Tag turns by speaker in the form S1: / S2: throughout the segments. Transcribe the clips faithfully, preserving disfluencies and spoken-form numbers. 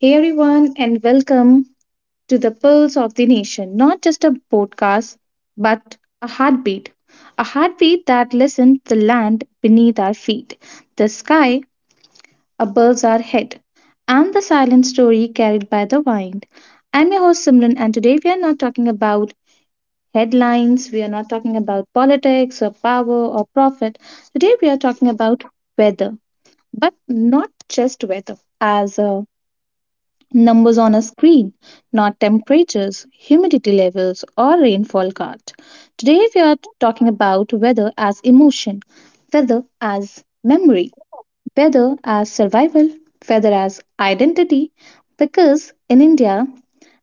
S1: Hey everyone, and welcome to the Pulse of the Nation. Not just a podcast, but a heartbeat. A heartbeat that listens the land beneath our feet, the sky above our head, and the silent story carried by the wind. I'm your host Simran, and today we are not talking about headlines, we are not talking about politics or power or profit. Today we are talking about weather, but not just weather. As uh, numbers on a screen, not temperatures, humidity levels, or rainfall card. Today, we are talking about weather as emotion, weather as memory, weather as survival, weather as identity. Because in India,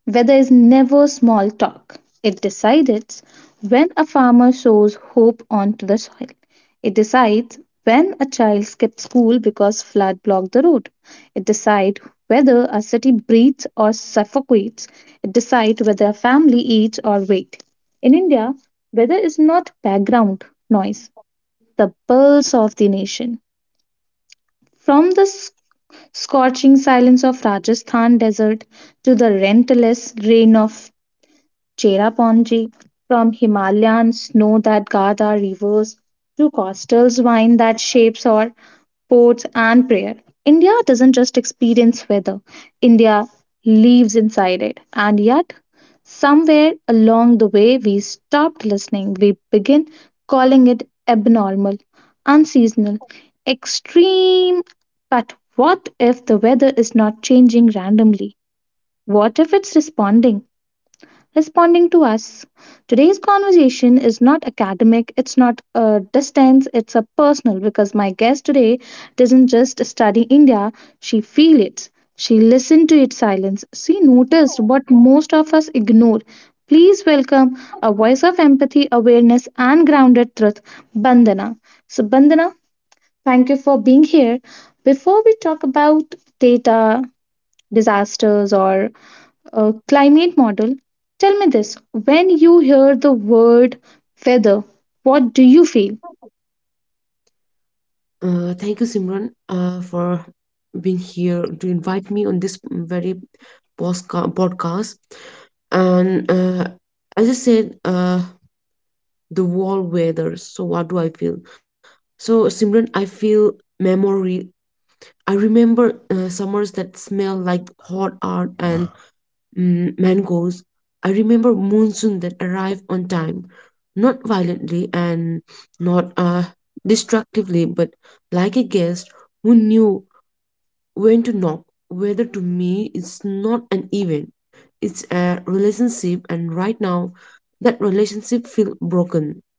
S1: weather is never small talk. It decides when a farmer sows hope onto the soil. It decides when a child skips school because flood blocked the road. It decides whether a city breathes or suffocates. It decides whether a family eats or waits. In India, weather is not background noise, the pulse of the nation. From the s- scorching silence of Rajasthan desert to the relentless rain of Cherapponji, from Himalayan snow that guards our rivers to coastal wine that shapes our ports and prayer. India doesn't just experience weather, India lives inside it. And yet, somewhere along the way, we stopped listening. We begin calling it abnormal, unseasonal, extreme. But what if the weather is not changing randomly? What if it's responding? Responding to us. Today's conversation is not academic, it's not a distance, it's a personal because my guest today doesn't just study India, she feels it. She listened to its silence. She noticed what most of us ignore. Please welcome a voice of empathy, awareness, and grounded truth, Bandana. So, Bandana, thank you for being here. Before we talk about data, disasters, or uh, climate model. Tell me this when you hear the word weather, what do you feel?
S2: Uh, thank you, Simran, uh, for being here to invite me on this very posca- podcast. And uh, As I said, uh, the wall weather. So, what do I feel? So, Simran, I feel memory. I remember uh, summers that smell like hot art and mm, mangoes. I remember monsoon that arrived on time, not violently and not uh, destructively, but like a guest who knew when to knock. Weather to me is not an event; it's a relationship, and right now, that relationship feels broken.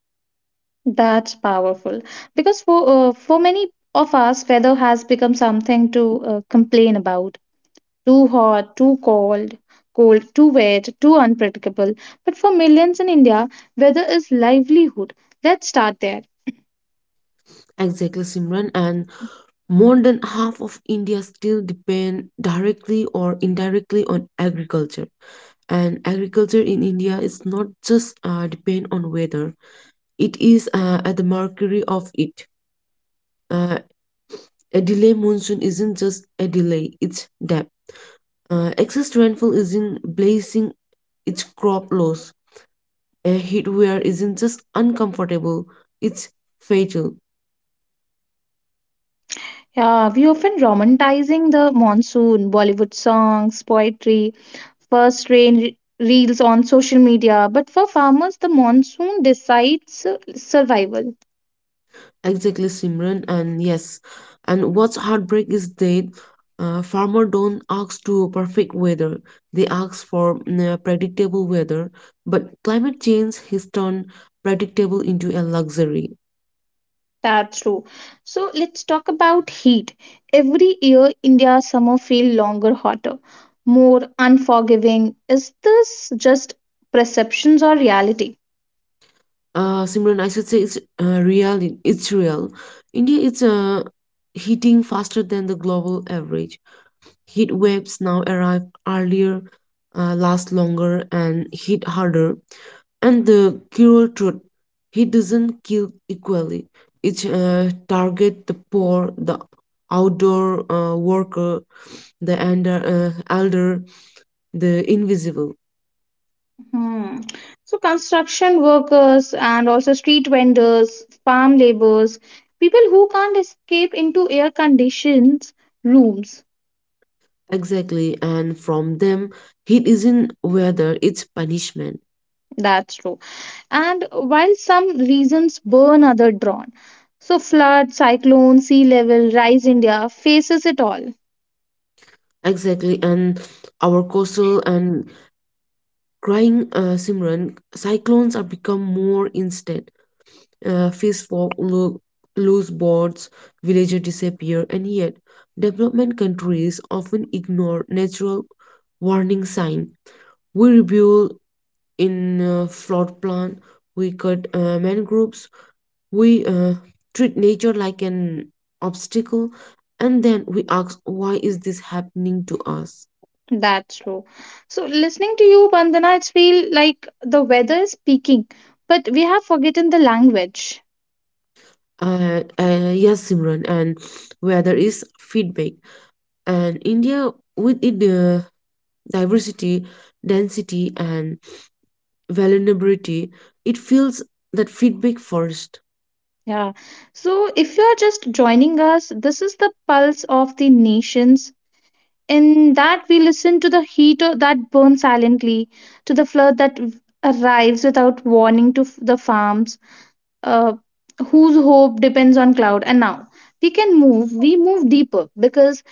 S1: That's powerful because for uh, for many of us, weather has become something to uh, complain about. Too hot, too cold, cold, too wet, too unpredictable. But for millions in India, weather is livelihood. Let's start there.
S2: Exactly, Simran, and more than half of India still depend directly or indirectly on agriculture. And agriculture in India is not just uh, depend on weather; it is uh, at the mercury of it. Uh, a delay monsoon isn't just a delay; it's depth. Uh, excess rainfall isn't blazing; it's crop loss. A heat wave isn't just uncomfortable; it's fatal.
S1: Yeah, we often romanticizing the monsoon, Bollywood songs, poetry, first rain re- reels on social media. But for farmers, the monsoon decides uh, survival.
S2: Exactly, Simran, and yes, and what's heartbreak is that uh, farmer don't ask to perfect weather; they ask for mm, uh, predictable weather. But climate change has turned predictable into a luxury.
S1: That's true. So let's talk about heat. Every year, India's summer feel longer, hotter, more unforgiving. Is this just perceptions or reality?
S2: Uh, Simran, I should say it's uh, real. It's real. India is uh, heating faster than the global average. Heat waves now arrive earlier, uh, last longer, and hit harder. And the cruel truth, he doesn't kill equally. It uh, target the poor, the outdoor uh, worker, the ender, uh, elder, the invisible.
S1: Hmm. So, construction workers and also street vendors, farm laborers, people who can't escape into air conditioned rooms.
S2: Exactly, and from them, heat isn't weather, it's punishment.
S1: That's true. And while some reasons burn, other drawn. So, flood, cyclone, sea level, rise India faces it all.
S2: Exactly, and our coastal and crying uh, Simran, cyclones are become more instant. Uh, fish fall, lo- lose boats, villages disappear, and yet development countries often ignore natural warning sign. We rebuild in uh, flood plan, we cut uh, mangroves, we uh, treat nature like an obstacle, and then we ask, why is this happening to us?
S1: That's true. So, listening to you, Bandana, it's feel like the weather is speaking, but we have forgotten the language.
S2: Uh, uh, yes, Simran, and where there is feedback. And India, with its uh, diversity, density, and vulnerability, it feels that feedback first.
S1: Yeah. So if you're just joining us, this is the pulse of the nations. In that, we listen to the heat o- that burns silently, to the flood that v- arrives without warning to f- the farms, uh, whose hope depends on cloud. And now we can move, we move deeper because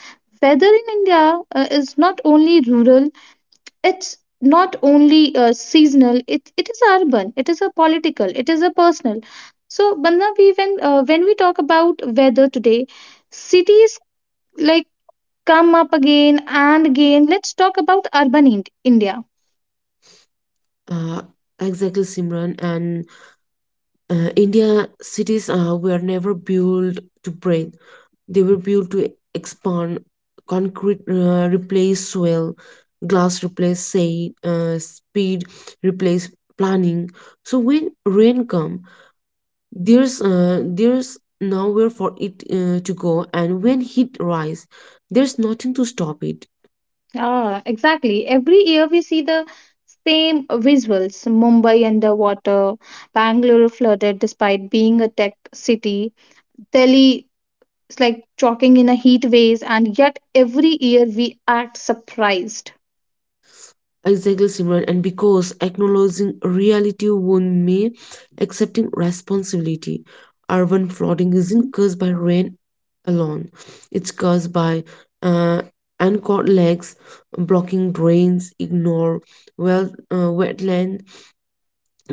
S1: weather in India uh, is not only rural, it's not only uh, seasonal, it, it is urban, it is a political, it is a personal. So Bandha, we when uh, when we talk about weather today, cities like come up again and again. Let's talk about urban Ind- india.
S2: Uh, exactly, Simran. And uh, India cities uh, were never built to breathe; they were built to expand. Concrete uh, replace soil, glass replace say, uh, speed replace planning. So when rain comes there's uh, there's nowhere for it uh, to go, and when heat rise there's nothing to stop it.
S1: Ah, exactly, every year we see the same visuals. Mumbai underwater, Bangalore flooded despite being a tech city, Delhi. It's like chalking in a heat waves, and yet every year we act surprised.
S2: Exactly, similar, and because acknowledging reality won me accepting responsibility, urban flooding isn't caused by rain alone, it's caused by uh, uncut legs blocking drains, ignore well uh, wetland.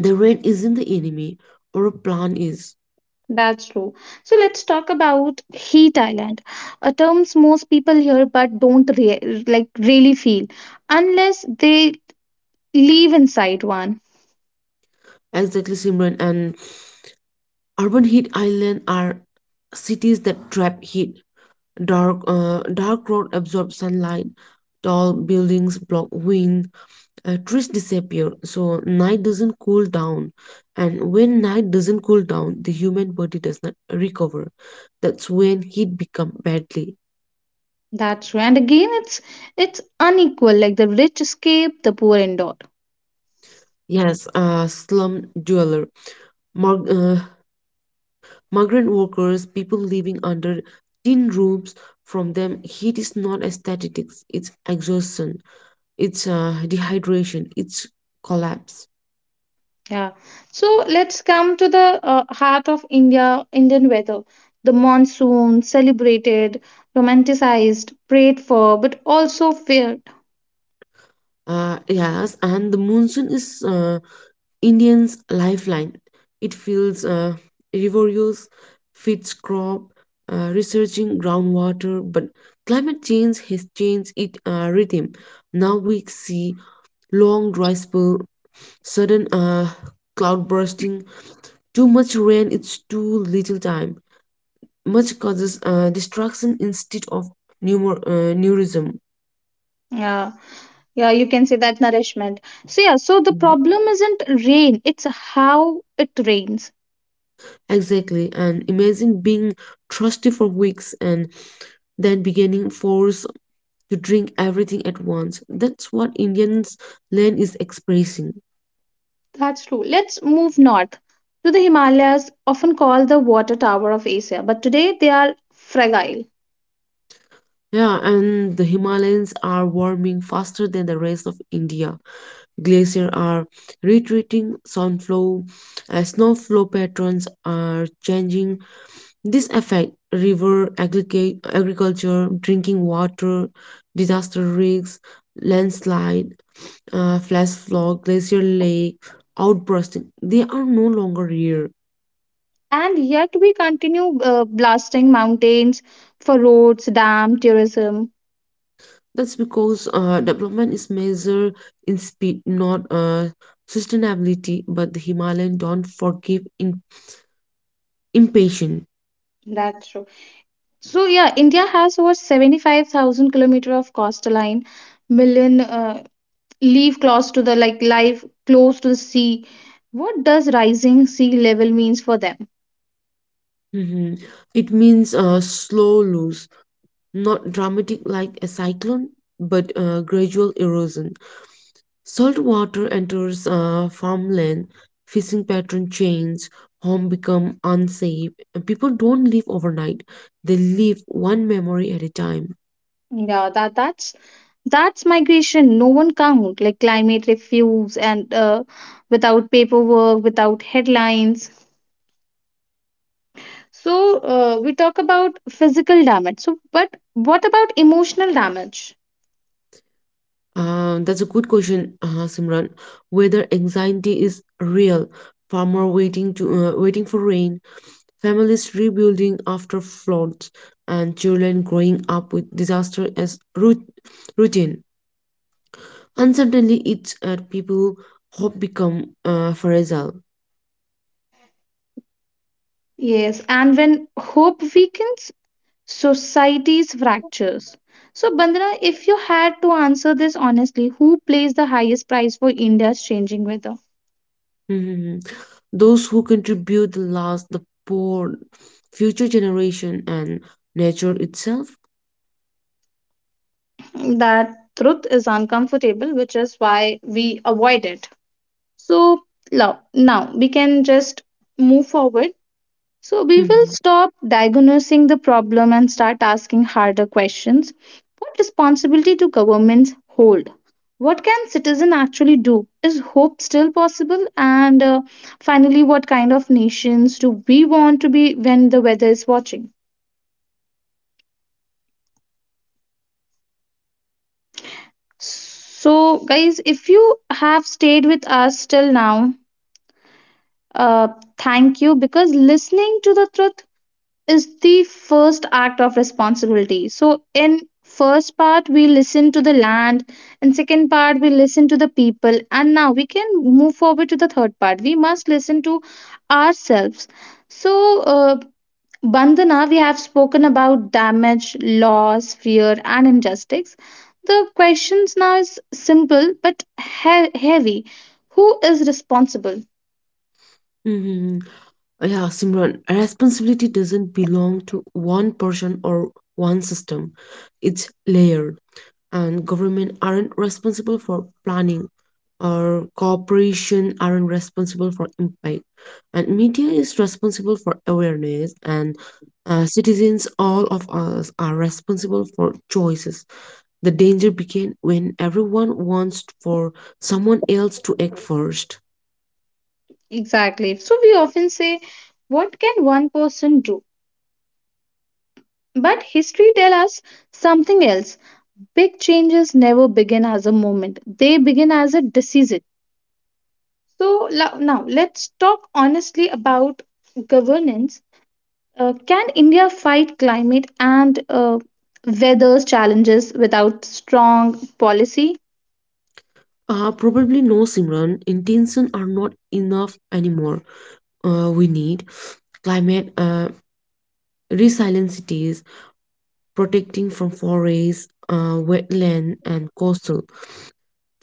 S2: The rain isn't the enemy, or a plan is.
S1: That's true. So let's talk about heat island, a terms most people hear but don't rea- like really feel unless they live inside one.
S2: Exactly, similar, and urban heat islands are cities that trap heat. Dark, uh, dark road absorb sunlight. Tall buildings block wind. Uh, trees disappear, so night doesn't cool down. And when night doesn't cool down, the human body does not recover. That's when heat become badly.
S1: That's true. And again, it's it's unequal. Like the rich escape, the poor endure.
S2: Yes, uh, slum dweller mar- uh, migrant workers, people living under tin roofs. From them, heat is not aesthetics; it's exhaustion. It's uh, dehydration, it's collapse.
S1: Yeah. So let's come to the uh, heart of India, Indian weather. The monsoon, celebrated, romanticized, prayed for, but also feared.
S2: Uh, yes, and the monsoon is uh, indians lifeline. It feels uh, rivers feeds crop, uh, researching groundwater, but climate change has changed its uh, rhythm. Now we see long dry spell, sudden uh, cloud bursting, too much rain it's too little time, much causes uh, destruction instead of pneumo- uh, neurism.
S1: Yeah. Yeah, you can say that nourishment. So, yeah, so the problem isn't rain, it's how it rains.
S2: Exactly. And imagine being thirsty for weeks and then beginning force to drink everything at once. That's what Indians land is expressing.
S1: That's true. Let's move north to the Himalayas, often called the water tower of Asia, but today they are fragile.
S2: Yeah, and the Himalayas are warming faster than the rest of India. Glaciers are retreating, sunflow, uh, snowflow patterns are changing. This affect river, agrica- agriculture, drinking water, disaster risks, landslide, uh, flash flood, glacier lake, outbursting. They are no longer here.
S1: And yet we continue uh, blasting mountains for roads, dam, tourism.
S2: That's because uh, development is measured in speed, not uh, sustainability. But the Himalayan don't forgive in- impatience.
S1: That's true. So yeah, India has over seventy-five thousand kilometer of coastline, million uh, live close to the like life close to the sea. What does rising sea level means for them?
S2: Mhm. It means uh, slow loss, not dramatic like a cyclone, but uh, gradual erosion. Salt water enters uh, farmland, fishing pattern change, home become unsafe. And people don't live overnight; they live one memory at a time.
S1: Yeah, that that's that's migration. No one count like climate refuse and uh, without paperwork, without headlines. So uh, we talk about physical damage. So but what about emotional damage?
S2: Uh, that's a good question, uh, Simran. Whether anxiety is real, farmer waiting to uh, waiting for rain, families rebuilding after floods, and children growing up with disaster as root, routine. And suddenly, it's at people hope become uh, fragile.
S1: Yes, and when hope weakens, society's fractures. So, Bandana, if you had to answer this honestly, who plays the highest price for India's changing weather?
S2: Mhm. Those who contribute the last, the poor, future generation, and nature itself.
S1: That truth is uncomfortable, which is why we avoid it. So, now, now we can just move forward. So we will
S2: Mhm.
S1: stop diagnosing the problem and start asking harder questions. What responsibility do governments hold? What can citizen actually do? Is hope still possible? And uh, finally, what kind of nations do we want to be when the weather is watching? So, guys, if you have stayed with us till now, uh, thank you because listening to the truth is the first act of responsibility. So in first part we listen to the land and second part we listen to the people and now we can move forward to the third part. We must listen to ourselves. So uh, Bandhana, we have spoken about damage, loss, fear and injustice. The questions now is simple but he- heavy. Who is responsible?
S2: Mhm. Yeah, Simran, responsibility doesn't belong to one person or one system. It's layered, and government aren't responsible for planning, or corporation aren't responsible for impact, and media is responsible for awareness, and uh, citizens, all of us are responsible for choices. The danger begins when everyone wants for someone else to act first.
S1: Exactly. So we often say, what can one person do? But history tells us something else. Big changes never begin as a moment, they begin as a decision. So lo- now let's talk honestly about governance. Uh, can India fight climate and uh, weather challenges without strong policy?
S2: Uh, probably no, Simran. Intention are not enough anymore. Uh, we need climate uh, resilient cities, protecting from forests, uh, wetland, and coastal.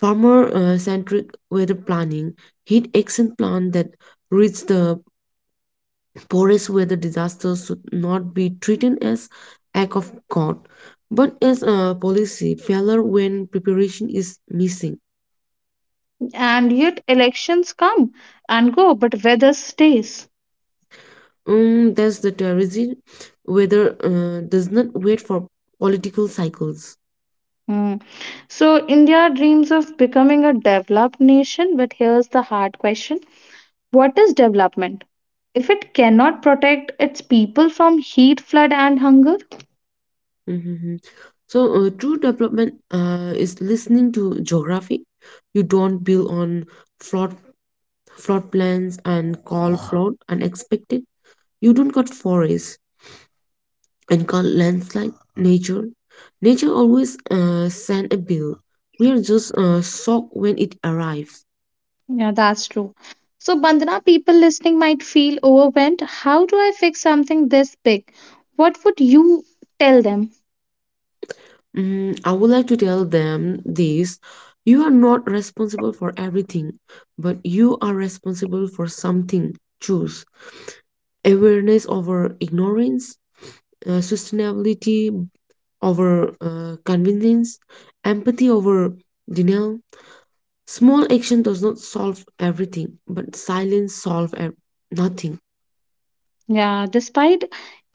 S2: Farmer-centric weather planning, heat action plan that reach the poorest. Weather disasters should not be treated as act of God, but as a policy failure when preparation is missing.
S1: And yet elections come and go, but weather stays.
S2: Um, that's the terrorism. Weather uh, does not wait for political cycles.
S1: Hmm. So India dreams of becoming a developed nation, but here's the hard question. What is development if it cannot protect its people from heat, flood, and hunger?
S2: Mhm. So uh, true development uh, is listening to geography. You don't build on flawed flood plans and call flood unexpected. You don't cut forests and call landslide nature. Nature always uh, send a bill. We are just uh, shocked when it arrives.
S1: Yeah, that's true. So, Bandana, people listening might feel overwhelmed. How do I fix something this big? What would you tell them?
S2: Mm, I would like to tell them this. You are not responsible for everything, but you are responsible for something. Choose awareness over ignorance, uh, sustainability over uh, convenience, empathy over denial. Small action does not solve everything, but silence solves nothing.
S1: Yeah, despite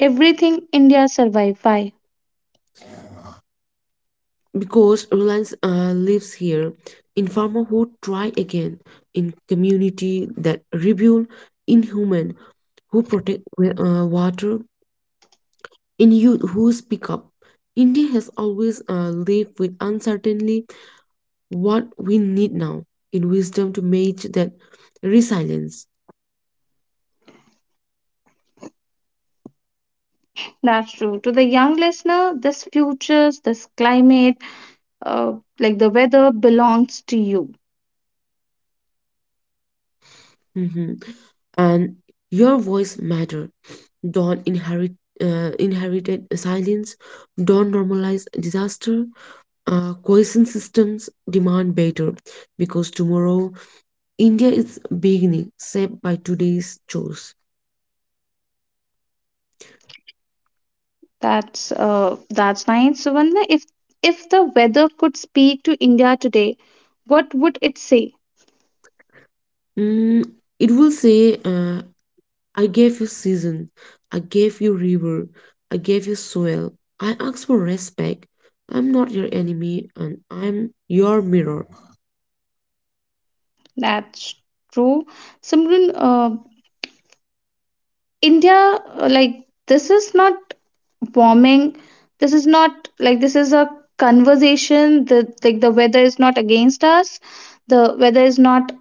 S1: everything, India survived. Why?
S2: Because Reliance uh, lives here, in farmer who try again, in community that rebuild, in human who protect uh, water, in youth who speak up. India has always uh, lived with uncertainty. What we need now, in wisdom to match that resilience.
S1: That's true. To the young listener, this futures, this climate, uh, like the weather belongs to you.
S2: Mhm. And your voice matter. Don't inherit uh, inherited silence. Don't normalize disaster. Uh, cohesion systems demand better because tomorrow India is beginning shaped by today's chores.
S1: That's uh, that's nice. So, Vandana, if if the weather could speak to India today, what would it say?
S2: Mm, it will say, uh, "I gave you season, I gave you river, I gave you soil. I ask for respect. I'm not your enemy, and I'm your mirror."
S1: That's true. Simran, uh, India, uh, like this is not warming. This is not like this is a conversation. The like the weather is not against us. The weather is not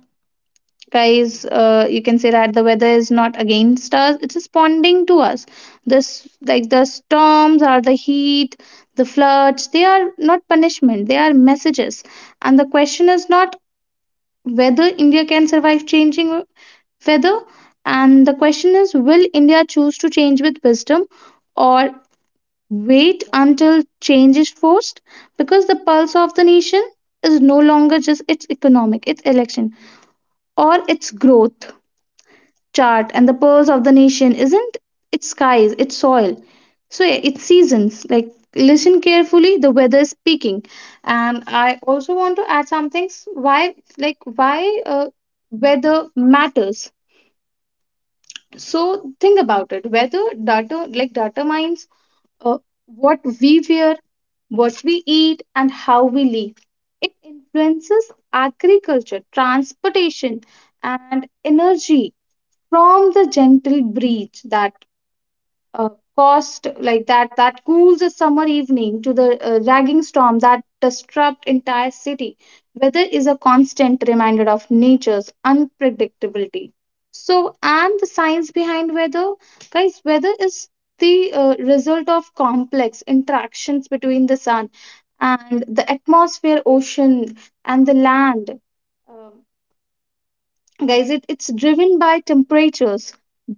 S1: guys uh, you can say that the weather is not against us, it's responding to us. This like the storms or the heat, the floods, they are not punishment, they are messages. And the question is not whether India can survive changing weather, and the question is will India choose to change with wisdom or wait until change is forced, because the pulse of the nation is no longer just its economic, its election, or its growth chart. And the pulse of the nation isn't its skies, its soil. So yeah, its seasons. Like listen carefully, the weather is speaking. And I also want to add some things. Why like why uh, weather matters. So think about it. Weather data like data mines uh, what we wear, what we eat, and how we live. It influences agriculture, transportation, and energy. From the gentle breeze that uh, caused like that that cools a summer evening to the uh, ragging storm that disrupts entire city, weather is a constant reminder of nature's unpredictability. So and the science behind weather, guys, weather is the uh, result of complex interactions between the sun and the atmosphere, ocean, and the land. Um, guys, it, it's driven by temperatures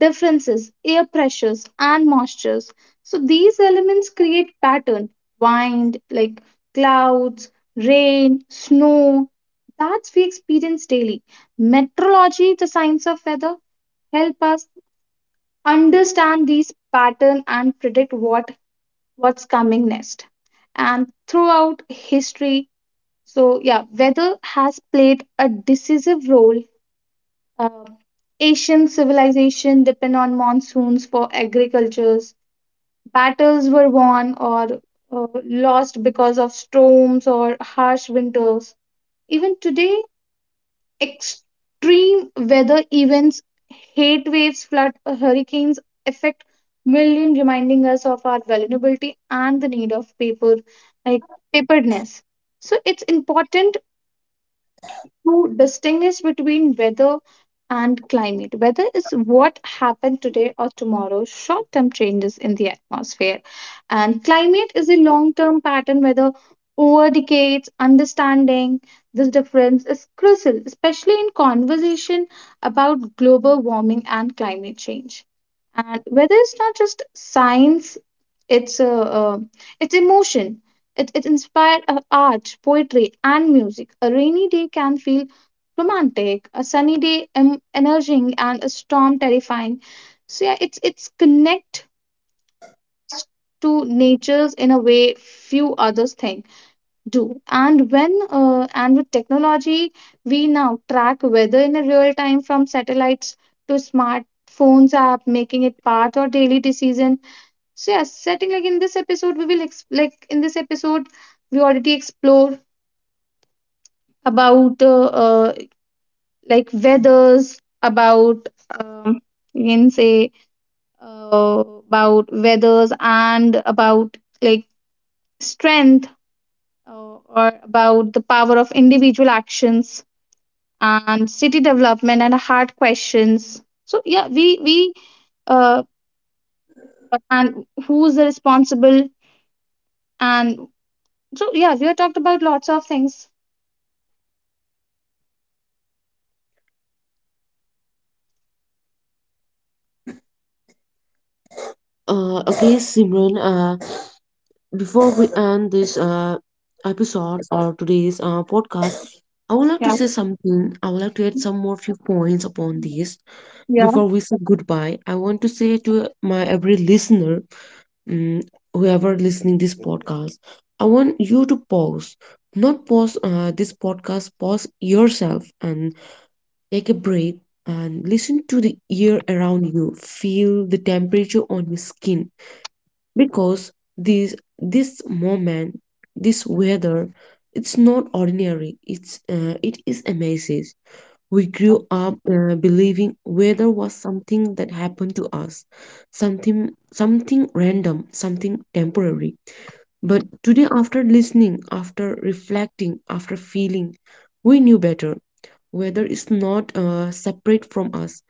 S1: differences, air pressures and moistures. So these elements create pattern, wind like clouds, rain, snow, that's we experience daily. Meteorology, the science of weather, help us understand these pattern and predict what what's coming next. And throughout history, so yeah, weather has played a decisive role. Uh, Asian civilization depend on monsoons for agricultures. Battles were won or uh, lost because of storms or harsh winters. Even today, extreme weather events, heat waves, flood, uh, hurricanes affect millions, reminding us of our vulnerability and the need of paper, like preparedness. So it's important to distinguish between weather and climate. Weather is what happened today or tomorrow, short term changes in the atmosphere. And climate is a long term pattern, whether over decades, understanding this difference is crucial, especially in conversation about global warming and climate change. And weather is not just science, its uh, uh, its emotion. It, it inspired uh, art, poetry, and music. A rainy day can feel romantic, a sunny day em- energizing, and a storm terrifying. So yeah, it's it's connect to natures in a way few others think do. And when uh, and with technology, we now track weather in a real time from satellites to smartphones app, making it part of daily decision so yes, setting like in this episode, we will ex- like in this episode, we already explore about uh, uh, like weathers, about um, you can say uh, about weathers and about like strength uh, or about the power of individual actions and city development and hard questions. So yeah, we we uh, and who's the responsible and so yeah, we have talked about lots of things.
S2: Uh, okay, Simran. Uh, before we end this uh, episode or today's uh, podcast, I would like to
S1: Yeah.
S2: say something. I would like to add some more few points upon this
S1: Yeah,
S2: before we say goodbye. I want to say to my every listener, um, whoever listening this podcast, I want you to pause, not pause uh, this podcast. Pause yourself and take a breath and listen to the air around you. Feel the temperature on your skin because this this moment, this weather, it's not ordinary, it's uh, it is amazing. We grew up uh, believing weather was something that happened to us, something, something random, something temporary, but today after listening, after reflecting, after feeling, we knew better. Weather is not uh, separate from us,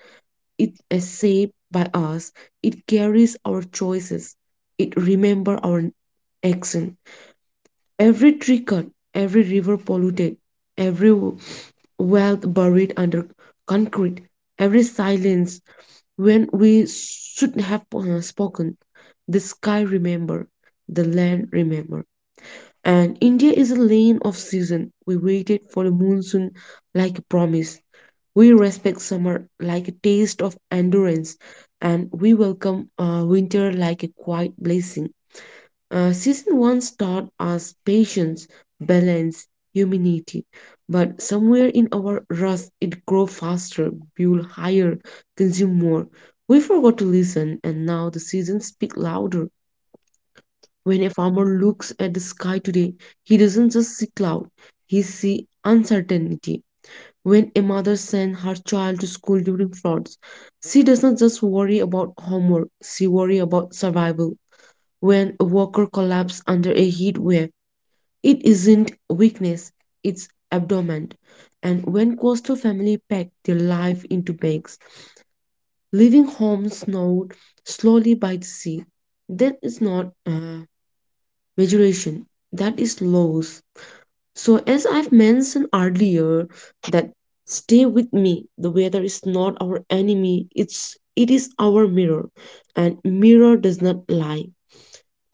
S2: it is shaped by us. It carries our choices. It remembers our action. Every tree cut, every river polluted, every w- wealth buried under concrete, every silence when we should have uh, spoken. The sky remember, the land remember. And India is a lane of season. We waited for the monsoon like a promise. We respect summer like a taste of endurance, and we welcome uh, winter like a quiet blessing. Uh, season once taught us patience, balance, humanity, but somewhere in our rust, it grow faster, build higher, consume more. We forgot to listen, and now the seasons speak louder. When a farmer looks at the sky today, he doesn't just see cloud; he see uncertainty. When a mother sends her child to school during floods, she does not just worry about homework, she worries about survival. When a worker collapses under a heat wave, it isn't weakness, it's abandonment. And when coastal families pack their life into bags, leaving homes snowed slowly by the sea, that is not uh, maturation, that is loss. So, as I've mentioned earlier, that stay with me. The weather is not our enemy. It's it is our mirror, and mirror does not lie.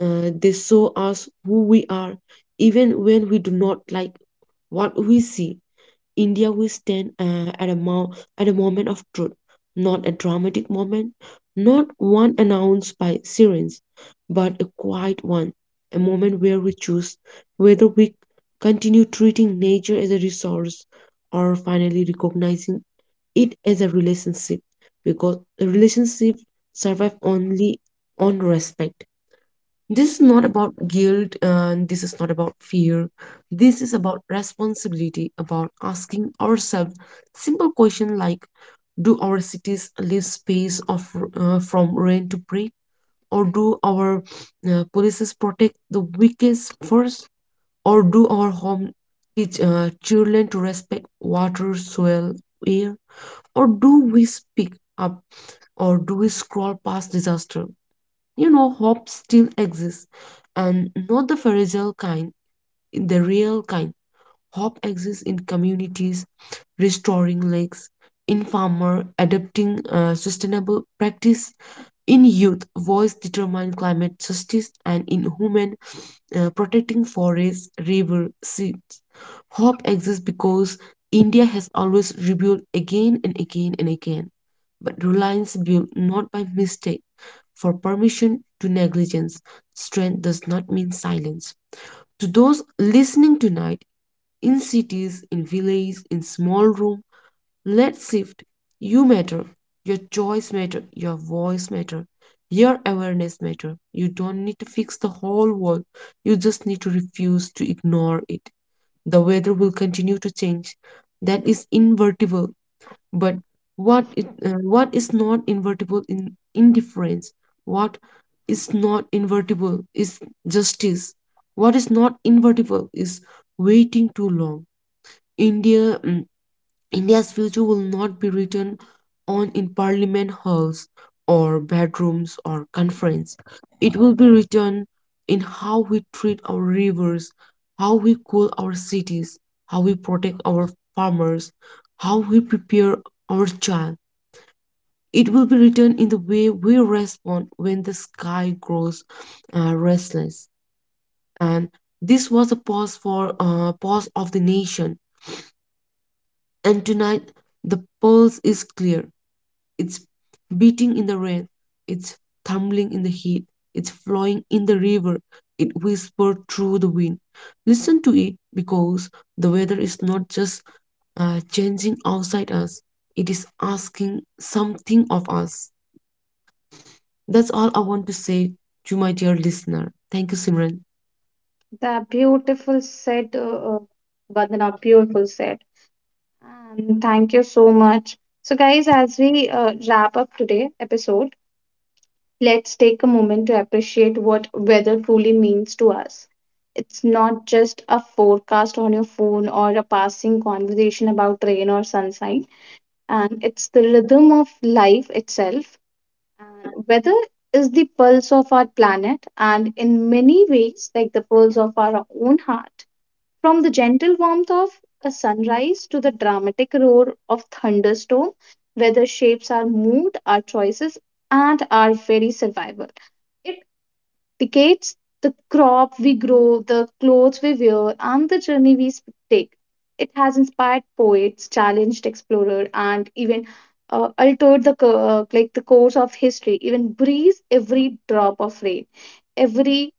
S2: Uh, they show us who we are, even when we do not like what we see. India will stand uh, at a mo- at a moment of truth, not a dramatic moment, not one announced by sirens, but a quiet one, a moment where we choose whether we continue treating nature as a resource or finally recognizing it as a relationship, because a relationship survive only on respect. This is not about guilt, and this is not about fear. This is about responsibility, about asking ourselves simple questions like: do our cities leave space of, uh, from rain to pray? Or do our uh, policies protect the weakest first? Or do our home teach uh, children to respect water, soil, air? Or do we speak up? Or do we scroll past disaster? You know, hope still exists, and not the fragile kind, the real kind. Hope exists in communities, restoring lakes, in farmer, adopting uh, sustainable practice, in youth, voice determined climate justice, and in human uh, protecting forests, river seas. Hope exists because India has always rebuilt again and again and again, but reliance built not by mistake, for permission to negligence. Strength does not mean silence. To those listening tonight, in cities, in villages, in small rooms, let's shift. You matter. Your choice matter. Your voice matter. Your awareness matter. You don't need to fix the whole world. You just need to refuse to ignore it. The weather will continue to change. That is invertible. But what it, uh, what is not invertible in indifference? What is not invertible is justice. What is not invertible is waiting too long. India mm, India's future will not be written on in parliament halls or bedrooms or conference. It will be written in how we treat our rivers, how we cool our cities, how we protect our farmers, how we prepare our child. It will be written in the way we respond when the sky grows uh, restless. And this was a pause for uh, pause of the nation. And tonight the pulse is clear. It's beating in the rain. It's tumbling in the heat. It's flowing in the river. It whispers through the wind. Listen to it because the weather is not just uh, changing outside us, it is asking something of us. That's all I want to say to my dear listener. Thank you, Simran.
S1: the beautiful set, uh, uh, Vandana, beautiful set. And thank you so much. So, guys, as we uh, wrap up today episode, let's take a moment to appreciate what weather truly means to us. It's not just a forecast on your phone or a passing conversation about rain or sunshine, and it's the rhythm of life itself. Uh, weather is the pulse of our planet, and in many ways, like the pulse of our own heart. From the gentle warmth of a sunrise to the dramatic roar of thunderstorm, weather shapes our mood, our choices, and our very survival dictates the crop we grow, the clothes we wear, and the journey we sp- take. It has inspired poets, challenged explorers, and even uh, altered the co- uh, like the course of history. Even breathes every drop of rain, every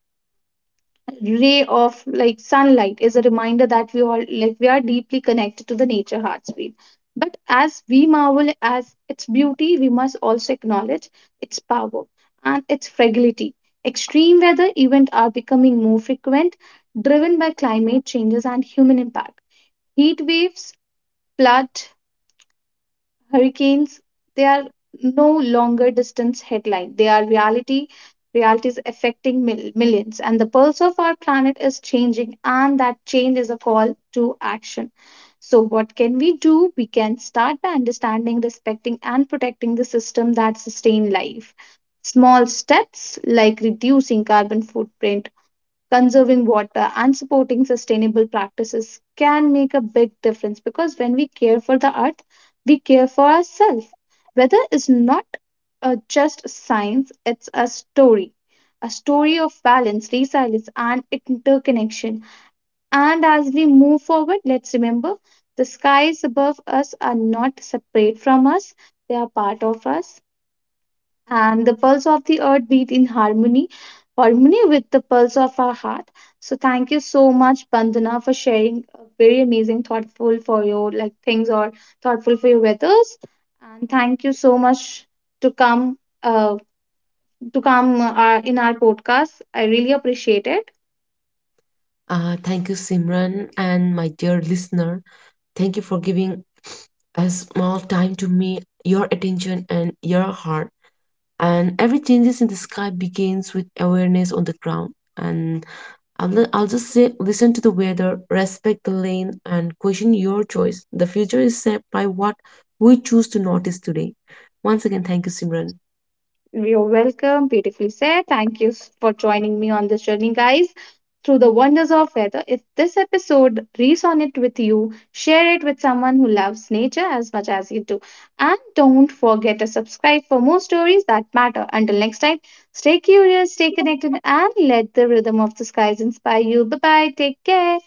S1: ray of like sunlight is a reminder that we all like we are deeply connected to the nature heartbeat, but as we marvel as its beauty, we must also acknowledge its power and its fragility. Extreme weather events are becoming more frequent, driven by climate changes and human impact. Heat waves, flood, hurricanes, they are no longer distance headline. They are reality. Realities affecting mil- millions. And the pulse of our planet is changing, and that change is a call to action. So, what can we do? We can start by understanding, respecting, and protecting the system that sustain life. Small steps like reducing carbon footprint, conserving water, and supporting sustainable practices can make a big difference, because when we care for the earth, we care for ourselves. Weather is not uh, just science, it's a story. A story of balance, resilience, and interconnection. And as we move forward, let's remember the skies above us are not separate from us, they are part of us, and the pulse of the earth beat in harmony harmony with the pulse of our heart. So thank you so much, Bandana, for sharing a very amazing thoughtful for your like things or thoughtful for your weathers, and thank you so much to come uh, to come uh, in our podcast. I really appreciate it.
S2: Uh, thank you, Simran, and my dear listener. Thank you for giving a small time to me, your attention, and your heart. And every changes in the sky begins with awareness on the ground, and I'll, le- I'll just say listen to the weather, respect the lane, and question your choice. The future is shaped by what we choose to notice today. Once again, thank you, Simran.
S1: You're welcome. Beautifully said. Thank you s- for joining me on this journey, guys. Through the wonders of weather. If this episode resonates with you, share it with someone who loves nature as much as you do. And don't forget to subscribe for more stories that matter. Until next time, stay curious, stay connected, and let the rhythm of the skies inspire you. Bye bye. Take care.